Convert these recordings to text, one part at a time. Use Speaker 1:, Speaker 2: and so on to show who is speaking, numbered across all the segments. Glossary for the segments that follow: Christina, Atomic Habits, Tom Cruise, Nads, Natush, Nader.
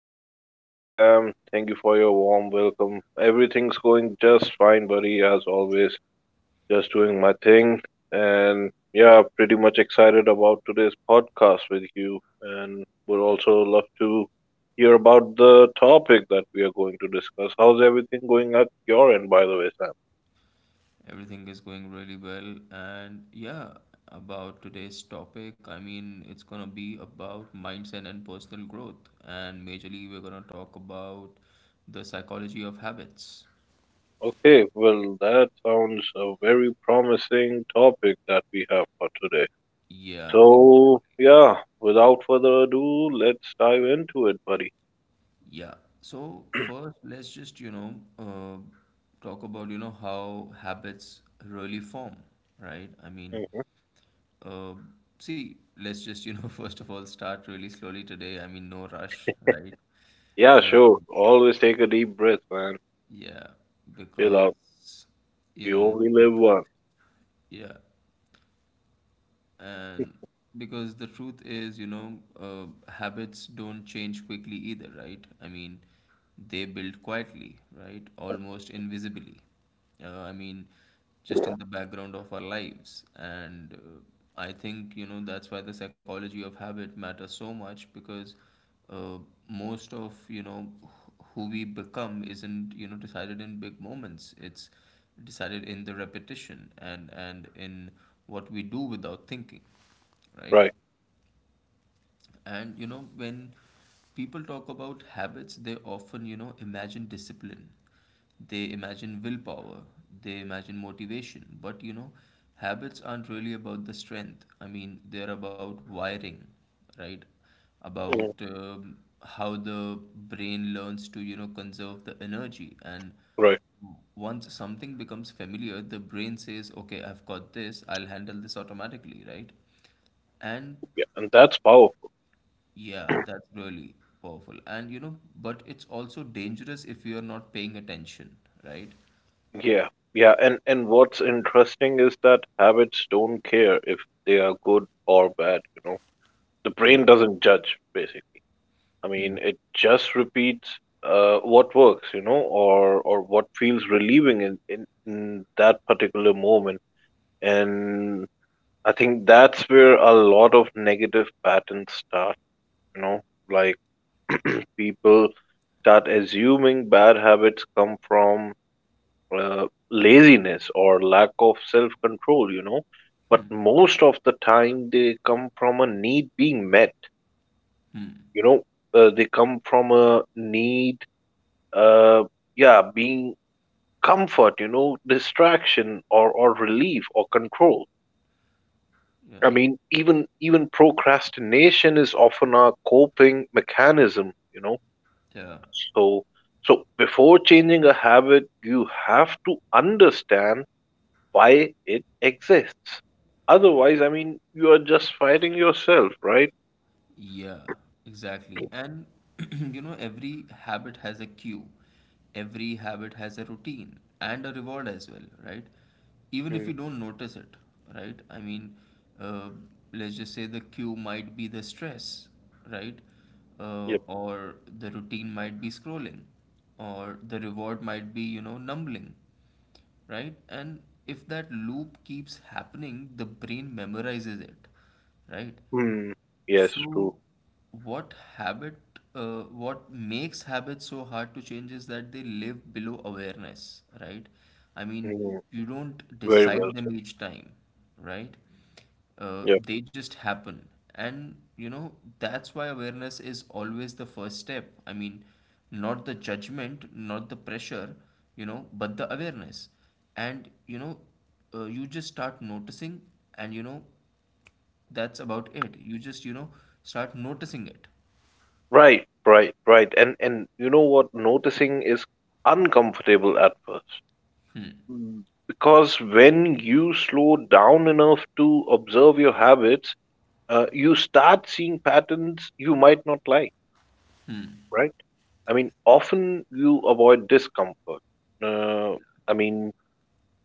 Speaker 1: Hey, hey, Sam. Thank you for your warm welcome. Everything's going just fine, buddy, as always. Just doing my thing. And yeah, pretty much excited about today's podcast with you. And would also love to hear about the topic that we are going to discuss. How's everything going at your end, by the way, Sam?
Speaker 2: Everything is going really well. And yeah, about today's topic, I mean, it's going to be about mindset and personal growth. And majorly, we're going to talk about the psychology of habits.
Speaker 1: Okay, well, that sounds a very promising topic that we have for today.
Speaker 2: Yeah, ex-
Speaker 1: So, yeah, without further ado, let's dive into it, buddy.
Speaker 2: yeah. So first, let's just, you know, talk about, you know, how habits really form, right? I mean,
Speaker 1: Mhm.
Speaker 2: Um, see, let's just, you know, first of all, start really slowly today. I mean, no rush, right?
Speaker 1: Yeah,
Speaker 2: Uh,
Speaker 1: sure. Always take a deep breath, man.
Speaker 2: yeah,
Speaker 1: Chill out.
Speaker 2: because, you
Speaker 1: You
Speaker 2: know,
Speaker 1: only
Speaker 2: the
Speaker 1: live
Speaker 2: truth,
Speaker 1: once.
Speaker 2: yeah, and because the truth is, you know, habits don't change quickly either, right? I mean, they build quietly, right, almost invisibly, I mean, just in the background of our lives. And I think, you know, that's why the psychology of habit matters so much, because uh, most of, you know, who we become isn't, you know, decided in big moments. It's decided in the repetition and in what we do without thinking, right?
Speaker 1: Right.
Speaker 2: And you know, when people talk about habits, they often, you know, imagine discipline, they imagine willpower, they imagine motivation. But you know, habits aren't really about the strength. I mean, they're about wiring, right? About
Speaker 1: Mhm.
Speaker 2: how the brain learns to, you know, conserve the energy. And
Speaker 1: Right.
Speaker 2: once something becomes familiar, the brain says, okay, I've got this, I'll handle this automatically, right? And
Speaker 1: Yeah. And that's powerful.
Speaker 2: yeah, that's really powerful. And you know, but it's also dangerous if you're not paying attention, right?
Speaker 1: Yeah. Yeah. And what's interesting is that habits don't care if they are good or bad, you know. The brain
Speaker 2: Yeah.
Speaker 1: doesn't judge, basically. I mean,
Speaker 2: Hmm.
Speaker 1: it just repeats what works, you know, or what feels relieving in that particular moment. And I think that's where a lot of negative patterns start, you know, like people start assuming bad habits come from uh, laziness or lack of self control, you know, but
Speaker 2: Hmm.
Speaker 1: most of the time they come from a need being met,
Speaker 2: Hmm.
Speaker 1: you know. They come from a need, uh, yeah, being comfort, you know, distraction or relief or control.
Speaker 2: Yeah.
Speaker 1: I mean, even procrastination is often a coping mechanism, you know.
Speaker 2: Yeah.
Speaker 1: So, so, before changing a habit, you have to understand why it exists. Otherwise, I mean, you are just fighting yourself, right?
Speaker 2: Yeah, exactly. And you know, every habit has a cue, every habit has a routine and a reward as well, right? Even if
Speaker 1: Mm,
Speaker 2: you don't notice it, right? I mean, uh, let's just say the cue might be the stress, right?
Speaker 1: yep.
Speaker 2: Or the routine might be scrolling, or the reward might be, you know, numbling, right? And if that loop keeps happening, the brain memorizes it, right?
Speaker 1: Mm, yes, true.
Speaker 2: So, what habit, what makes habits so hard to change is that they live below awareness, right? I mean,
Speaker 1: Mm,
Speaker 2: you don't
Speaker 1: very well
Speaker 2: decide them each time, right?
Speaker 1: said. Yep.
Speaker 2: They just happen. And you know, that's why awareness is always the first step. I mean, not the judgment, not the pressure, you know, but the awareness. And you know, you just start noticing, and you know, that's about it. You just, you know, start noticing it.
Speaker 1: Right. And you know what? Noticing is uncomfortable at first. Mm. Because when you slow down enough to observe your habits, you start seeing patterns you might not like, right? I mean, often you avoid discomfort. Uh, I mean,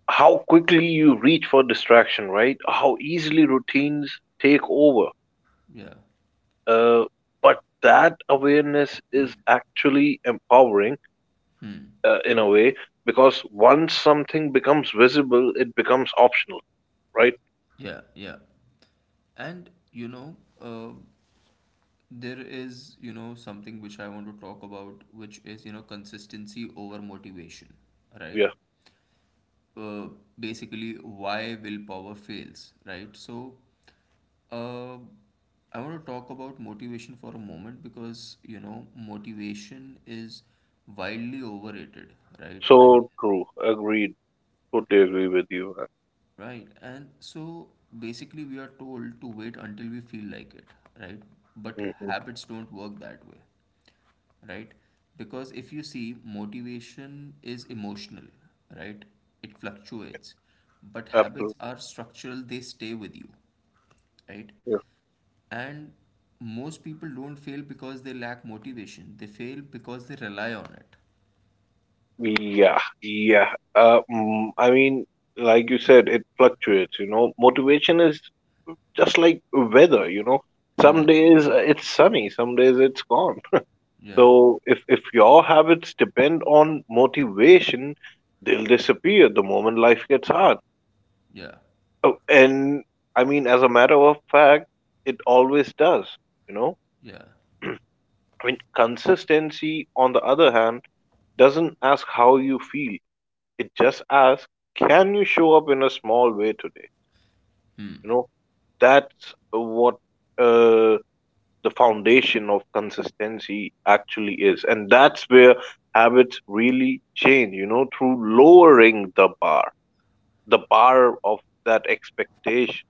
Speaker 1: how quickly you reach for distraction, right? How easily routines take over.
Speaker 2: Yeah,
Speaker 1: Uh, but that awareness is actually empowering in a way, because once something becomes visible, it becomes optional, right?
Speaker 2: yeah, yeah. And you know, uh, there is, you know, something which I want to talk about, which is, you know, consistency over motivation,
Speaker 1: Yeah,
Speaker 2: right? uh, Basically, why willpower fails, right? So uh, I want to talk about motivation for a moment, because you know, motivation is wildly overrated, right? I mean,
Speaker 1: so true. Agreed. Totally agree with you.
Speaker 2: right, and so basically, we are told to wait until we feel like it, right? But
Speaker 1: Hmm.
Speaker 2: habits don't work that way, right? Because if you see, motivation is emotional, right? It fluctuates, but habits
Speaker 1: Absolutely.
Speaker 2: are structural, they stay with you, right? And most people don't fail because they lack motivation, they fail because they rely on it.
Speaker 1: Yeah, yeah. I mean, like you said, it fluctuates, you know. Motivation is just like weather, you know. Some days it's sunny, some days it's gone.
Speaker 2: Yeah,
Speaker 1: So if your habits depend on motivation, they'll disappear the moment life gets hard.
Speaker 2: yeah,
Speaker 1: Oh, and I mean, as a matter of fact, it always does, you know.
Speaker 2: yeah.
Speaker 1: I mean, consistency, on the other hand, doesn't ask how you feel. It just asks, can you show up in a small way today? You
Speaker 2: Hmm.
Speaker 1: know, that's what uh, the foundation of consistency actually is. And that's where habits really change, you know, through lowering the bar of that expectation.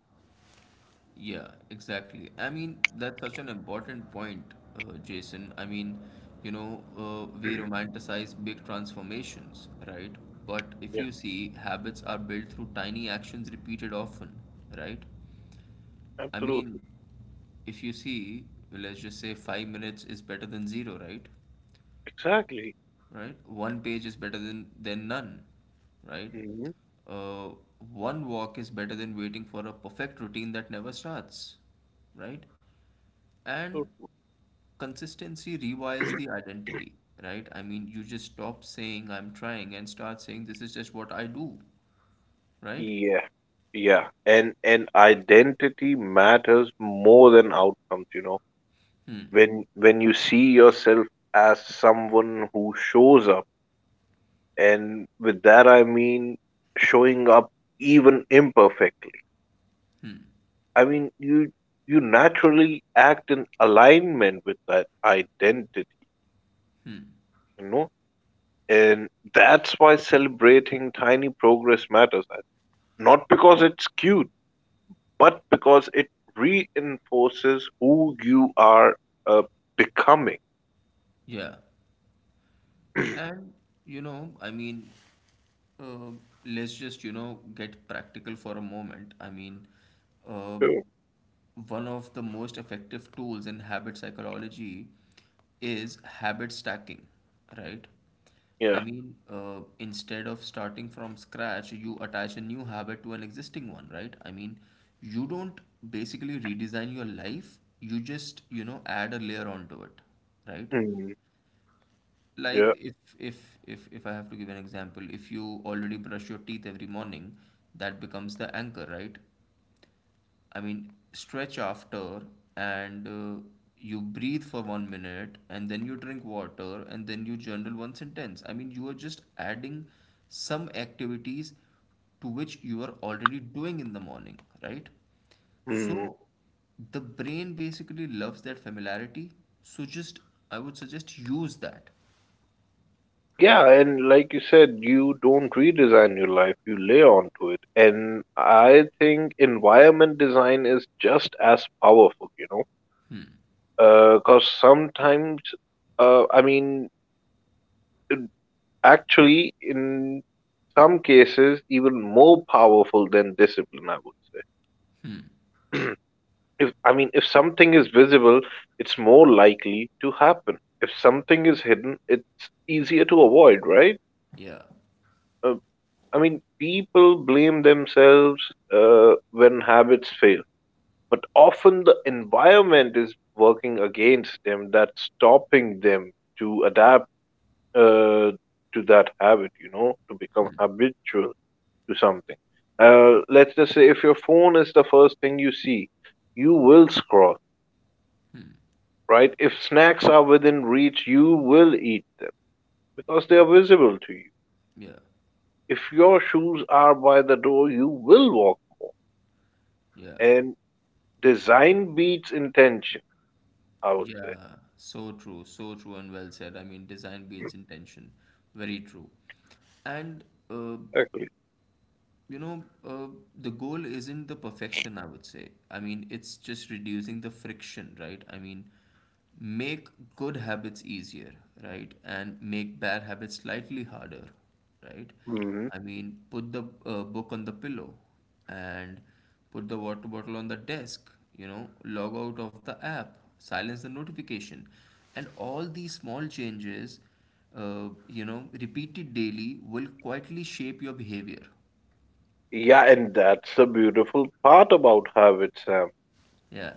Speaker 2: Yeah, exactly. I mean, that's such an important point, Jason. I mean, you know, we romanticize big transformations, right? But if
Speaker 1: Yeah,
Speaker 2: you see, habits are built through tiny actions repeated often, right? I
Speaker 1: absolutely.
Speaker 2: mean, if you see, let's just say 5 minutes is better than zero, right?
Speaker 1: Exactly.
Speaker 2: Right? One page is better than none, right?
Speaker 1: Hmm.
Speaker 2: Uh, One walk is better than waiting for a perfect routine that never starts, right? And consistency rewires the identity, right? I mean, you just stop saying I'm trying and start saying this is just what I do, right?
Speaker 1: Yeah. Yeah, and identity matters more than outcomes, you know.
Speaker 2: Hmm,
Speaker 1: When you see yourself as someone who shows up, and with that I mean showing up even imperfectly,
Speaker 2: hmm,
Speaker 1: I mean you naturally act in alignment with that identity,
Speaker 2: hmm.
Speaker 1: you know. And that's why celebrating tiny progress matters, not because it's cute, but because it reinforces who you are uh, becoming.
Speaker 2: Yeah. And you know, I mean, uh, let's just, you know, get practical for a moment. I mean, uh,
Speaker 1: True.
Speaker 2: one of the most effective tools in habit psychology is habit stacking, right?
Speaker 1: Yeah.
Speaker 2: I mean, instead of starting from scratch, you attach a new habit to an existing one, right? I mean, you don't basically redesign your life, you just, you know, add a layer onto it, right?
Speaker 1: Mm,
Speaker 2: Like
Speaker 1: yeah.
Speaker 2: if I have to give an example, if you already brush your teeth every morning, that becomes the anchor, right? I mean, stretch after, and you breathe for 1 minute, and then you drink water, and then you journal one sentence. I mean, you are just adding some activities to which you are already doing in the morning, right?
Speaker 1: Mm.
Speaker 2: So the brain basically loves that familiarity. So just, I would suggest use that.
Speaker 1: Yeah, and like you said, you don't redesign your life, you lay onto it. And I think environment design is just as powerful, you know, because sometimes, I mean, actually, in some cases, even more powerful than discipline, I would say. if I mean, if something is visible, it's more likely to happen. If something is hidden, it's easier to avoid, right?
Speaker 2: Yeah,
Speaker 1: Uh, I mean, people blame themselves when habits fail, but often the environment is working against them, that's stopping them to adapt uh, to that habit, you know, to become habitual to something. Let's just say if your phone is the first thing you see, you will scroll, right? If snacks are within reach, you will eat them because they are visible to you.
Speaker 2: yeah,
Speaker 1: If your shoes are by the door, you will walk more.
Speaker 2: yeah.
Speaker 1: And design beats intention, I would say.
Speaker 2: Yeah, so true, and well said. I mean, design beats intention. Very true. And uh,
Speaker 1: Okay.
Speaker 2: you know, the goal isn't the perfection, I would say. I mean, it's just reducing the friction, right? I mean, make good habits easier, right? And make bad habits slightly harder, right?
Speaker 1: Hmm.
Speaker 2: I mean, put the book on the pillow, and put the water bottle on the desk, you know, log out of the app, silence the notification. And all these small changes, you know, repeated daily, will quietly shape your behavior.
Speaker 1: Yeah, and that's the beautiful part about habits, Sam.
Speaker 2: Yeah,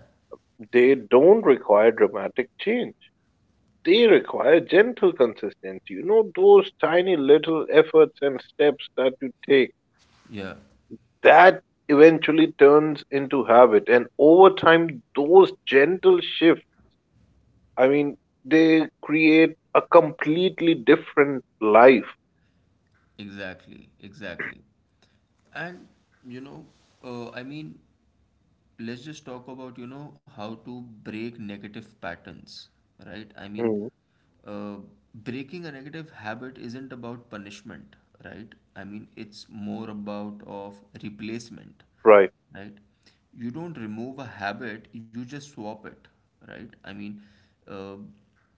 Speaker 1: They don't require dramatic change. They require gentle consistency. You know, those tiny little efforts and steps that you take,
Speaker 2: yeah,
Speaker 1: that eventually turns into habit. And over time, those gentle shifts, I mean, they create a completely different life.
Speaker 2: exactly, exactly. And you know, I mean, let's just talk about, you know, how to break negative patterns, right? I mean,
Speaker 1: Mhm.
Speaker 2: uh, breaking a negative habit isn't about punishment, right? I mean, it's more about of replacement,
Speaker 1: Right.
Speaker 2: right? You don't remove a habit, you just swap it, right? I mean, uh,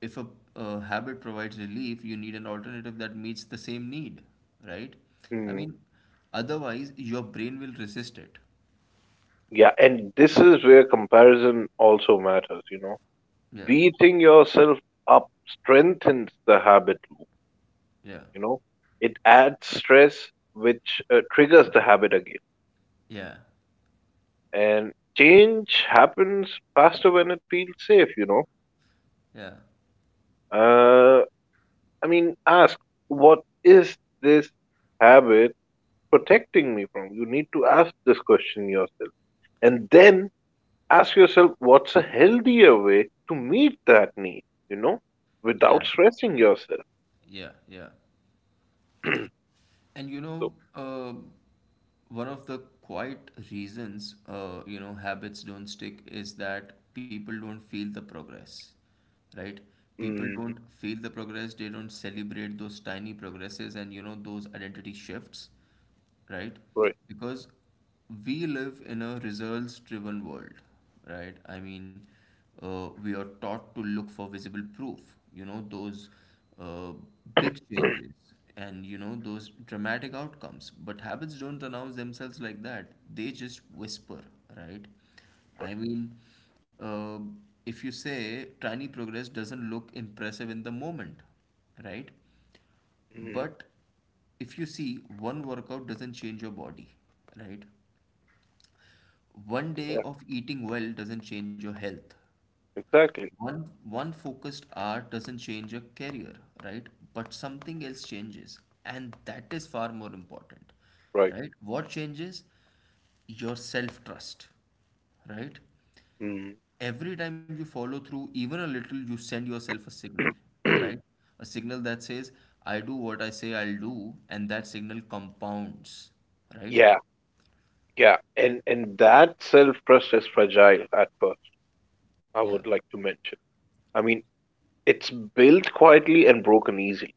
Speaker 2: if a habit provides relief, you need an alternative that meets the same need, right? I
Speaker 1: Mm-hmm.
Speaker 2: mean, otherwise, your brain will resist it.
Speaker 1: Yeah, and this is where comparison also matters, you know.
Speaker 2: Yeah,
Speaker 1: Beating yourself up strengthens the habit loop,
Speaker 2: yeah,
Speaker 1: you know. It adds stress, which triggers the habit again.
Speaker 2: yeah,
Speaker 1: And change happens faster when it feels safe, you know.
Speaker 2: yeah,
Speaker 1: Uh, I mean, ask, what is this habit protecting me from? You need to ask this question yourself. And then ask yourself what's a healthier way to meet that need, you know,
Speaker 2: yeah,
Speaker 1: without stressing yourself.
Speaker 2: yeah, yeah. And you
Speaker 1: So,
Speaker 2: know, one of the quiet reasons, you know, habits don't stick is that people don't feel the progress, right? People
Speaker 1: mm,
Speaker 2: don't feel the progress, they don't celebrate those tiny progresses and, you know, those identity shifts, right?
Speaker 1: right,
Speaker 2: Because we live in a results driven world, right? I mean, we are taught to look for visible proof, you know, those uh, big changes and, you know, those dramatic outcomes. But habits don't announce themselves like that, they just whisper, right? I mean, uh, if you say tiny progress doesn't look impressive in the moment, right?
Speaker 1: mm,
Speaker 2: But if you see, one workout doesn't change your body, right? One day
Speaker 1: right,
Speaker 2: of eating well doesn't change your health.
Speaker 1: exactly,
Speaker 2: One focused hour doesn't change your career, right? But something else changes, and that is far more important,
Speaker 1: right.
Speaker 2: right? What changes? Your self-trust, right?
Speaker 1: Mm.
Speaker 2: Every time you follow through even a little, you send yourself a signal, right, a signal that says I do what I say I'll do, and that signal compounds, right?
Speaker 1: Yeah, yeah, and that self trust is fragile at first. I
Speaker 2: Yeah,
Speaker 1: would like to mention. I mean, it's built quietly and broken easily.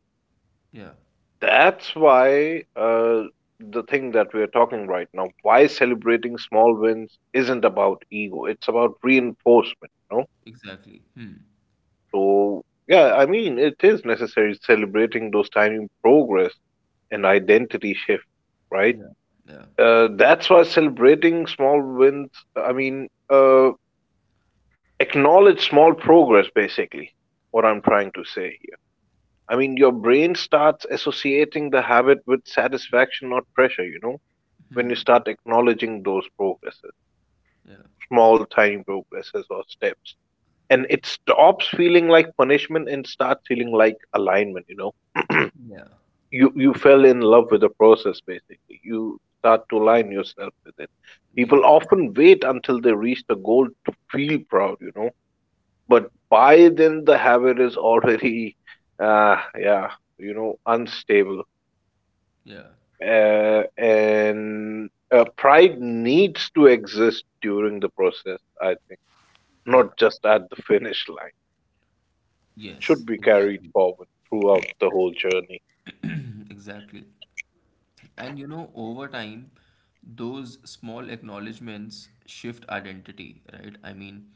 Speaker 2: yeah,
Speaker 1: That's why the thing that we are talking right now, why celebrating small wins isn't about ego. It's about reinforcement. You know?
Speaker 2: exactly. Hmm.
Speaker 1: So, yeah, I mean, it is necessary celebrating those tiny progress and identity shifts, right?
Speaker 2: Yeah, yeah,
Speaker 1: That's why celebrating small wins, I mean, acknowledge small progress, basically, what I'm trying to say here. I mean, your brain starts associating the habit with satisfaction, not pressure, you know, when you start acknowledging those progresses,
Speaker 2: yeah,
Speaker 1: small, tiny progresses or steps. And it stops feeling like punishment and starts feeling like alignment, you know.
Speaker 2: yeah,
Speaker 1: You fell in love with the process, basically you start to align yourself with it. People
Speaker 2: yeah,
Speaker 1: often wait until they reach the goal to feel proud, you know, but by then the habit is already yeah, you know, unstable.
Speaker 2: yeah,
Speaker 1: And pride needs to exist during the process, I think, not
Speaker 2: yeah,
Speaker 1: just at the finish line. It
Speaker 2: yes,
Speaker 1: should be carried
Speaker 2: exactly.
Speaker 1: forward throughout the whole journey.
Speaker 2: Mhm, exactly. And you know, over time, those small acknowledgements shift identity, right? I mean,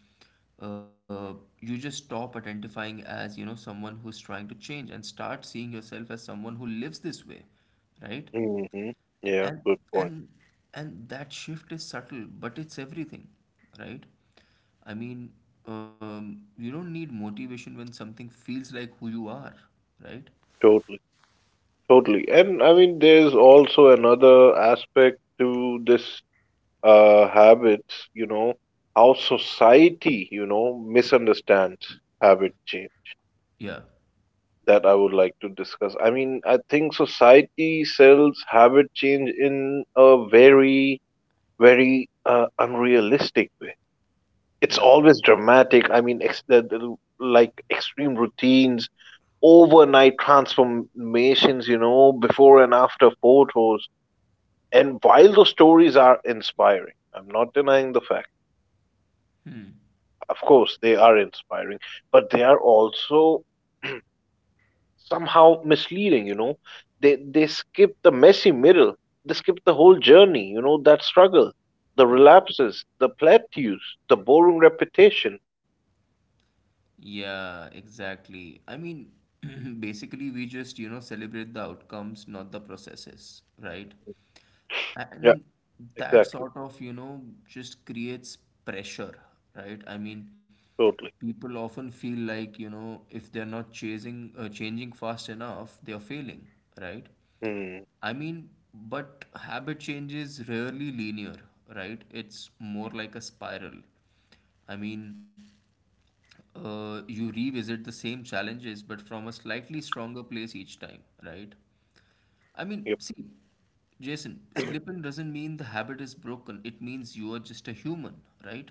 Speaker 2: uh, you just stop identifying as, you know, someone who's trying to change and start seeing yourself as someone who lives this way, right?
Speaker 1: Hmm. Yeah,
Speaker 2: And
Speaker 1: good point.
Speaker 2: and and that shift is subtle, but it's everything, right? I mean, you don't need motivation when something feels like who you are, right?
Speaker 1: Totally. Totally. And I mean, there's also another aspect to this habits, you know, how society, you know, misunderstands habit change,
Speaker 2: Yeah,
Speaker 1: that I would like to discuss. I mean, I think society sells habit change in a very, very unrealistic way. It's
Speaker 2: yeah,
Speaker 1: always dramatic. I mean, like extreme routines, overnight transformations, you know, before and after photos. And while those stories are inspiring, I'm not denying the fact. Of course, they are inspiring, but they are also somehow misleading, you know. They skip the messy middle. They skip the whole journey, you know, that struggle, the
Speaker 2: yeah.
Speaker 1: relapses, the plateaus, the boring repetition.
Speaker 2: Yeah, exactly. I mean, basically, we just, you know, celebrate the outcomes, not the processes, right?
Speaker 1: Yeah,
Speaker 2: And that
Speaker 1: exactly.
Speaker 2: sort of, you know, just creates pressure, right? I mean,
Speaker 1: Totally.
Speaker 2: people often feel like, you know, if they're not changing fast enough, they are failing, right?
Speaker 1: Hmm.
Speaker 2: I mean, but habit change is rarely linear, right? It's more like a spiral. I mean, you revisit the same challenges, but from a slightly stronger place each time, right? I mean,
Speaker 1: Yep.
Speaker 2: see, Jason, slipping doesn't mean the habit is broken. It means you are just a human, right?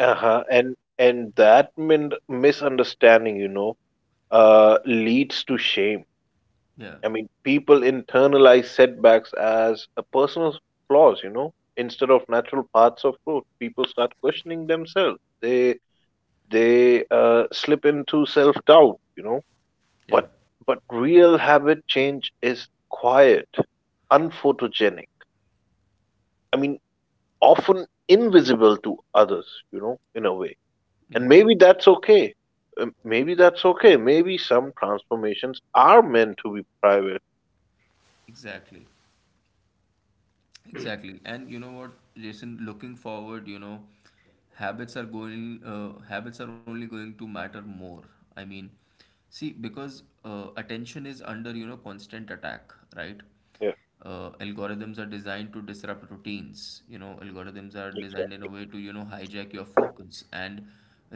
Speaker 1: Uh-huh. And that misunderstanding, you know, leads to shame.
Speaker 2: Yeah,
Speaker 1: I mean, people internalize setbacks as a personal flaws, you know, instead of natural paths of growth. People start questioning themselves. They slip into self doubt, you know.
Speaker 2: yeah,
Speaker 1: But real habit change is quiet, unphotogenic. I mean, often invisible to others, you know, in a way. And
Speaker 2: yeah,
Speaker 1: maybe that's okay. Maybe that's okay. Maybe some transformations are meant to be private.
Speaker 2: exactly. Exactly. And you know what, Jason, looking forward, you know, habits are only going to matter more. I mean, see, because attention is under, you know, constant attack, right?
Speaker 1: Yeah,
Speaker 2: Algorithms are designed to disrupt routines. You know, algorithms are designed in a
Speaker 1: exactly.
Speaker 2: way to, you know, hijack your focus and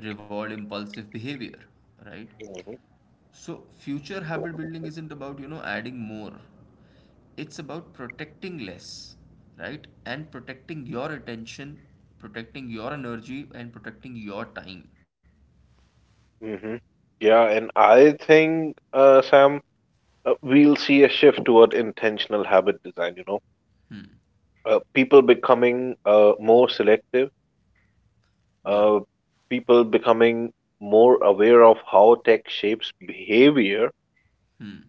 Speaker 2: reward impulsive behavior, right? So, future habit building isn't about, you know, adding more. It's about protecting less, right? And protecting your attention, protecting your energy, and protecting your time.
Speaker 1: Mhm. Yeah, and I think, Sam, we'll see a shift toward intentional habit design, you know. People becoming more selective,
Speaker 2: Yeah.
Speaker 1: uh, people becoming more aware of how tech shapes behavior.
Speaker 2: Hmm.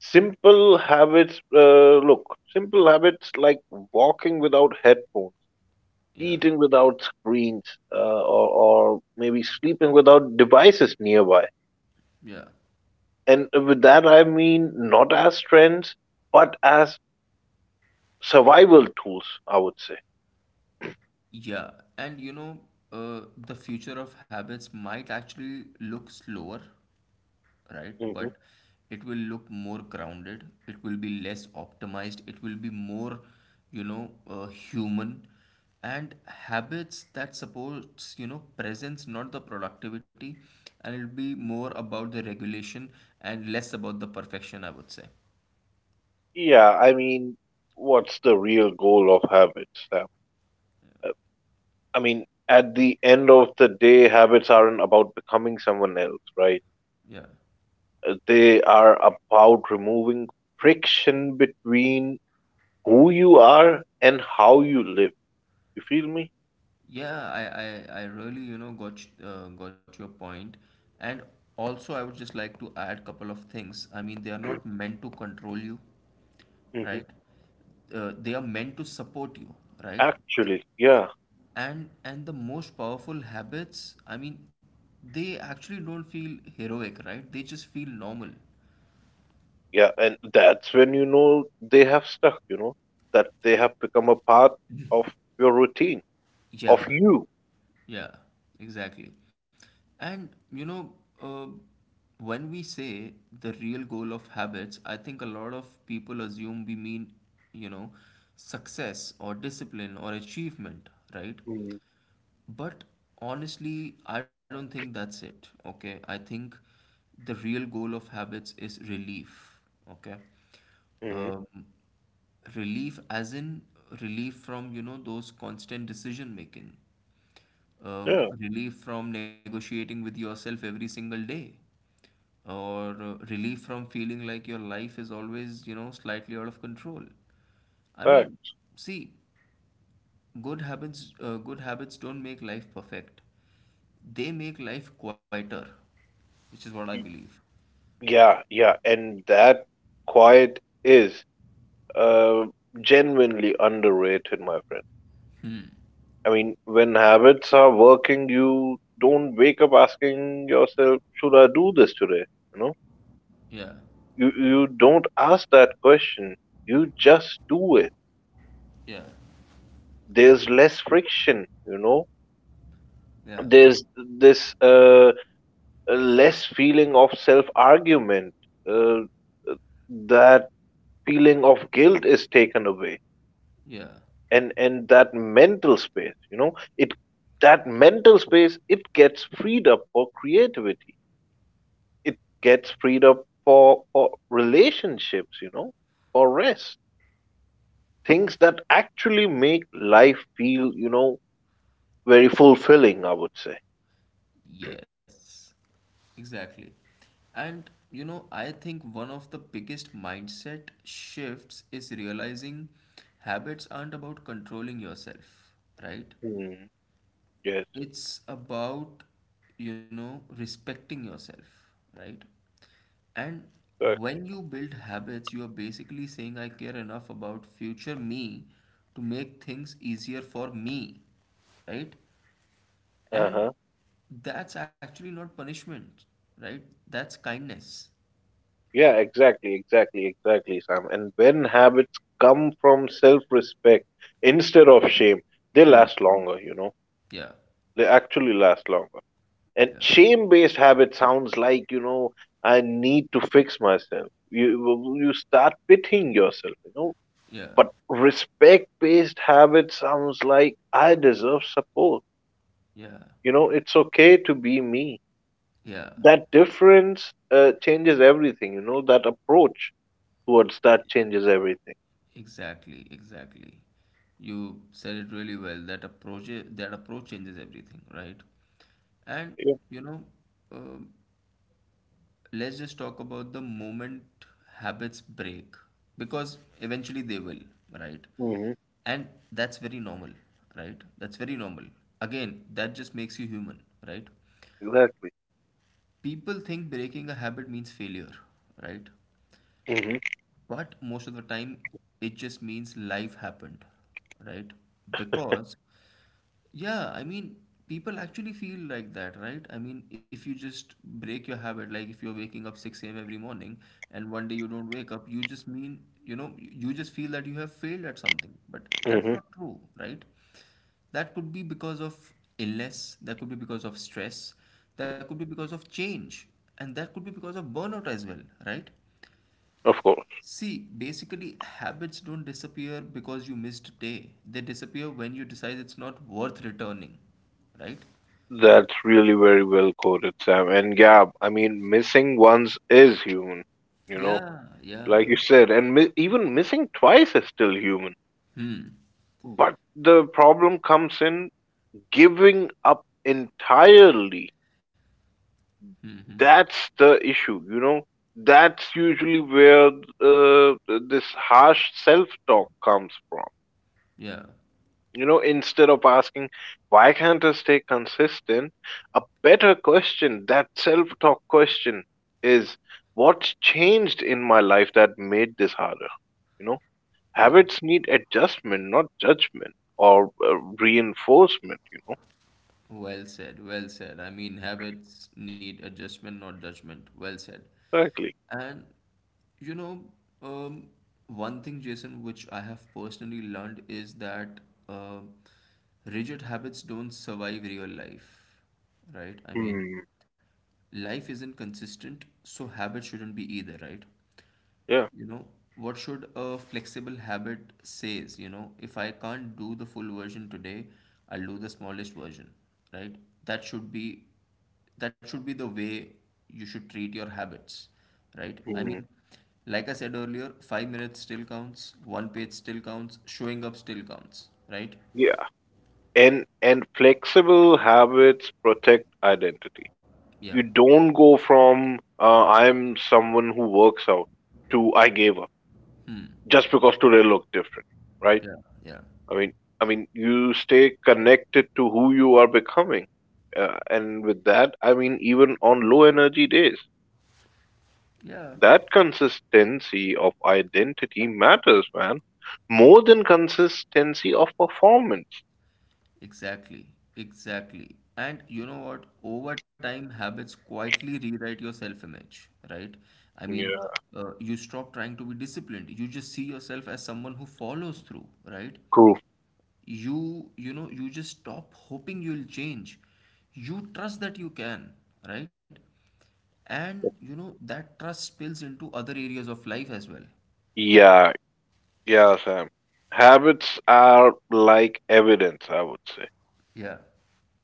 Speaker 1: Simple habits, look, simple habits like walking without headphones,
Speaker 2: Yeah.
Speaker 1: eating without screens, or, maybe sleeping without devices nearby.
Speaker 2: Yeah.
Speaker 1: And with that, I mean not as trends, but as survival tools, I would say.
Speaker 2: Yeah. And you know, the future of habits might actually look slower, right?
Speaker 1: Hmm.
Speaker 2: But it will look more grounded, it will be less optimized, it will be more, you know, human. And habits that supports, you know, presence, not the productivity. And it'll be more about the regulation and less about the perfection, I would say.
Speaker 1: Yeah, I mean, what's the real goal of habits, Sam? Uh, I mean, at the end of the day, habits aren't about becoming someone else, right?
Speaker 2: Yeah.
Speaker 1: They are about removing friction between who you are and how you live. You feel me?
Speaker 2: Yeah, I really, you know, got your point. And also I would just like to add couple of things. I mean, they are not meant to control you.
Speaker 1: Hmm.
Speaker 2: Right. They are meant to support you. Right.
Speaker 1: Actually, yeah.
Speaker 2: And The most powerful habits, they actually don't feel heroic. Right, they just feel normal.
Speaker 1: Yeah, and that's when you know they have stuck, you know, that they have become a part of your routine, of
Speaker 2: Yeah,
Speaker 1: you.
Speaker 2: yeah, exactly. And you know, uh, when we say the real goal of habits, I think a lot of people assume we mean, you know, success or discipline or achievement, right?
Speaker 1: Mm-hmm.
Speaker 2: But honestly, I don't think that's it. Okay. I think the real goal of habits is relief. Okay.
Speaker 1: Hmm.
Speaker 2: Um, Relief as in relief from, you know, those constant decision making.
Speaker 1: Yeah,
Speaker 2: Relief from negotiating with yourself every single day. Or relief from feeling like your life is always, you know, slightly out of control. I mean,
Speaker 1: fact.
Speaker 2: see, good habits don't make life perfect. They make life quieter, which is what I
Speaker 1: Y-
Speaker 2: believe.
Speaker 1: Yeah, yeah, and that quiet is uh, genuinely underrated, my friend.
Speaker 2: Hmm.
Speaker 1: I mean, when habits are working, you don't wake up asking yourself, "Should I do this today?" You know,
Speaker 2: Yeah.
Speaker 1: you don't ask that question. You just do it.
Speaker 2: Yeah.
Speaker 1: There's less friction, you know,
Speaker 2: Yeah.
Speaker 1: there's this less feeling of self argument, uh, that feeling of guilt is taken away.
Speaker 2: Yeah.
Speaker 1: And that mental space, you know, it that mental space, it gets freed up for creativity, it gets freed up for relationships, you know, for rest, things that actually make life feel, you know, very fulfilling, I would say.
Speaker 2: Yes. Exactly. And you know, I think one of the biggest mindset shifts is realizing habits aren't about controlling yourself, right?
Speaker 1: Hmm. Yes.
Speaker 2: It's about, you know, respecting yourself, right? And
Speaker 1: Correct.
Speaker 2: when you build habits, you are basically saying, I care enough about future me to make things easier for me, right? And
Speaker 1: Uh-huh.
Speaker 2: that's actually not punishment, right? That's kindness.
Speaker 1: Yeah, exactly, Sam. And when habits come from self respect instead of shame, they
Speaker 2: Hmm.
Speaker 1: last longer, you know.
Speaker 2: Yeah.
Speaker 1: They actually last longer. And
Speaker 2: Yeah.
Speaker 1: shame based habit sounds like, you know, I need to fix myself. You start pitying yourself, you know.
Speaker 2: Yeah.
Speaker 1: But respect based habit sounds like I deserve support.
Speaker 2: Yeah.
Speaker 1: You know, it's okay to be me.
Speaker 2: Yeah.
Speaker 1: That difference changes everything, you know, that approach towards that changes everything.
Speaker 2: Exactly, exactly. You said it really well. That approach changes everything, right? And you know, um let's just talk about the moment habits break, because eventually they will, right?
Speaker 1: Mm-hmm.
Speaker 2: And that's very normal, right? That's very normal. Again, that just makes you human, right?
Speaker 1: Exactly.
Speaker 2: People think breaking a habit means failure, right?
Speaker 1: Mm-hmm.
Speaker 2: But most of the time, it just means life happened, right? Because yeah, I mean, people actually feel like that, right? I mean, if you just break your habit, like if you're waking up 6 a.m. every morning and one day you don't wake up, you just mean, you know, you just feel that you have failed at something. But
Speaker 1: Mm-hmm.
Speaker 2: that's not true, right? That could be because of illness, that could be because of stress, that could be because of change, and that could be because of burnout as well, right?
Speaker 1: Of course.
Speaker 2: See, basically, habits don't disappear because you missed a day. They disappear when you decide it's not worth returning, right?
Speaker 1: That's really very well quoted, Sam. And yeah, I mean, missing once is human, you know,
Speaker 2: Yeah,
Speaker 1: like
Speaker 2: yeah.
Speaker 1: you said, and even missing twice is still human.
Speaker 2: Hmm,
Speaker 1: But the problem comes in giving up entirely. That's the issue, you know. That's usually where uh, this harsh self talk comes from.
Speaker 2: yeah,
Speaker 1: You know, instead of asking, why can't I stay consistent? A better question, that self talk question, is what's changed in my life that made this harder? You know,
Speaker 2: yeah.
Speaker 1: habits need adjustment, not judgment or reinforcement, you know.
Speaker 2: Well said, well said. I mean, habits need adjustment, not judgment. Well said.
Speaker 1: Exactly.
Speaker 2: And you know, um, one thing, Jason, which I have personally learned is that um rigid habits don't survive real life, right? I mean,
Speaker 1: Hmm.
Speaker 2: life isn't consistent, so habit shouldn't be either, right?
Speaker 1: Yeah.
Speaker 2: You know, what should a flexible habit says, you know, if I can't do the full version today, I'll do the smallest version, right? That should be that should be the way you should treat your habits, right? I
Speaker 1: Hmm.
Speaker 2: mean, like I said earlier, 5 minutes still counts, one page still counts, showing up still counts, right?
Speaker 1: Yeah, and flexible habits protect identity.
Speaker 2: Yeah.
Speaker 1: You don't go from I'm someone who works out to I gave up just because today look different, right?
Speaker 2: Yeah. Yeah.
Speaker 1: I mean, I mean, you stay connected to who you are becoming, and with that, I mean, even on low energy days,
Speaker 2: Yeah.
Speaker 1: that consistency of identity matters, man, more than consistency of performance.
Speaker 2: Exactly, exactly. And you know what? Over time, habits quietly rewrite your self-image, right? I mean,
Speaker 1: Yeah,
Speaker 2: you stop trying to be disciplined. You just see yourself as someone who follows through, right?
Speaker 1: true.
Speaker 2: You know, you just stop hoping you'll change. You trust that you can, right? And you know, that trust spills into other areas of life as well.
Speaker 1: Yeah, yeah, Sam. Habits are like evidence, I would say.
Speaker 2: Yeah,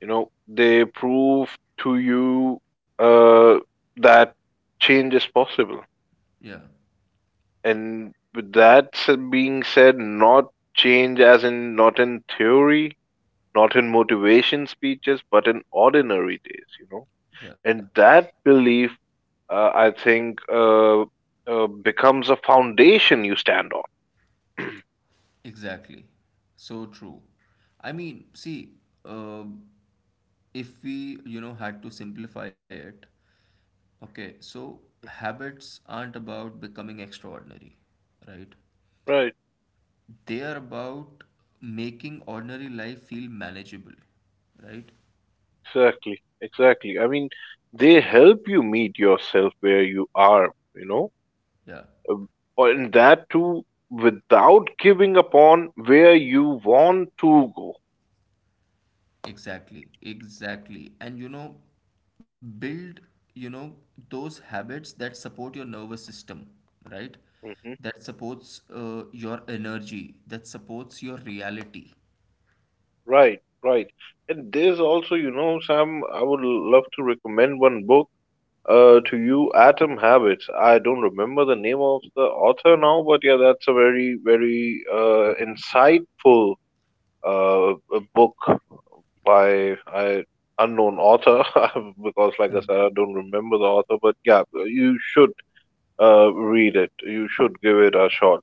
Speaker 1: You know, they prove to you uh, that change is possible.
Speaker 2: yeah,
Speaker 1: And with that being said, not change as in not in theory, not in motivation speeches, but in ordinary days, you know.
Speaker 2: yeah.
Speaker 1: And that belief, I think, becomes a foundation you stand on.
Speaker 2: Exactly. So true. I mean, see, uh, if we, you know, had to simplify it, okay, so habits aren't about becoming extraordinary, right?
Speaker 1: Right,
Speaker 2: They are about making ordinary life feel manageable, right?
Speaker 1: exactly, exactly. I mean, they help you meet yourself where you are, you know.
Speaker 2: Yeah.
Speaker 1: Or in that too, without giving upon where you want to go.
Speaker 2: Exactly, exactly. And you know, build, you know, those habits that support your nervous system, right?
Speaker 1: Hmm.
Speaker 2: That supports your energy, that supports your reality.
Speaker 1: Right, right. And there's also, you know, Sam, I would love to recommend one book to you, Atom Habits. I don't remember the name of the author now, but yeah, that's a very, very
Speaker 2: Mhm.
Speaker 1: insightful a book by I unknown author because, like I
Speaker 2: Okay.
Speaker 1: said, I don't remember the author, but yeah, you should. Read it. You should give it a shot.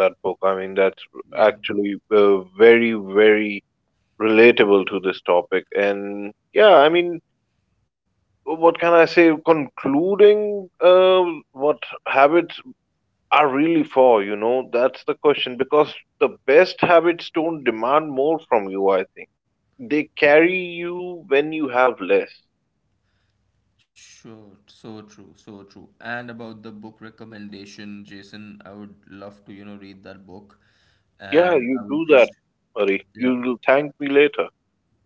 Speaker 1: That book. I mean, that's
Speaker 2: Yeah,
Speaker 1: actually very, very relatable to this topic. And yeah, I mean, what can I say? Concluding, what habits are really for? You know, that's the question. Because the best habits don't demand more from you. I think they carry you when you have less.
Speaker 2: sure. So true, so true. And about the book recommendation, Jason, I would love to, you know, read that book.
Speaker 1: Yeah,
Speaker 2: And
Speaker 1: you
Speaker 2: I would
Speaker 1: do that,
Speaker 2: just,
Speaker 1: buddy.
Speaker 2: yeah.
Speaker 1: You'll thank me later.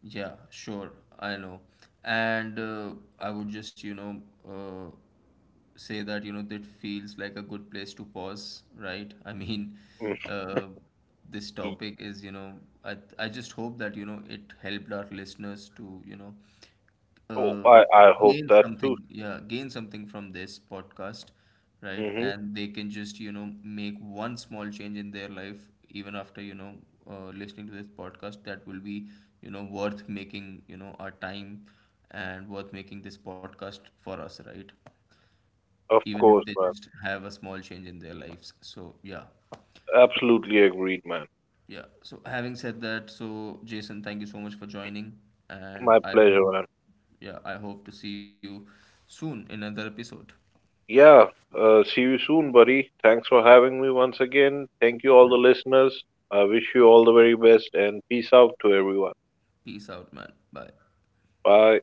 Speaker 2: Yeah, sure, I know. And I would just, you know, uh, say that, you know, that feels like a good place to pause, right? I mean, uh, this topic is, you know, I just hope that, you know, it helped our listeners to, you know,
Speaker 1: Oh,
Speaker 2: uh,
Speaker 1: I hope
Speaker 2: gain
Speaker 1: that too.
Speaker 2: something, yeah, gain something from this podcast, right?
Speaker 1: Hmm.
Speaker 2: And they can just, you know, make one small change in their life, even after, you know, listening to this podcast, that will be, you know, worth making, you know, our time and worth making this podcast for us, right?
Speaker 1: Of
Speaker 2: Even if
Speaker 1: course,
Speaker 2: they
Speaker 1: man.
Speaker 2: just have a small change in their lives, so yeah.
Speaker 1: Absolutely agreed, man.
Speaker 2: Yeah. So having said that, so Jason, thank you so much for joining, and
Speaker 1: My
Speaker 2: I
Speaker 1: pleasure,
Speaker 2: hope,
Speaker 1: man.
Speaker 2: yeah, I hope to see you soon in another episode.
Speaker 1: Yeah, see you soon, buddy. Thanks for having me once again. Thank you, all
Speaker 2: Yeah.
Speaker 1: the listeners. I wish you all the very best and peace out to everyone.
Speaker 2: Peace out, man. Bye.
Speaker 1: Bye.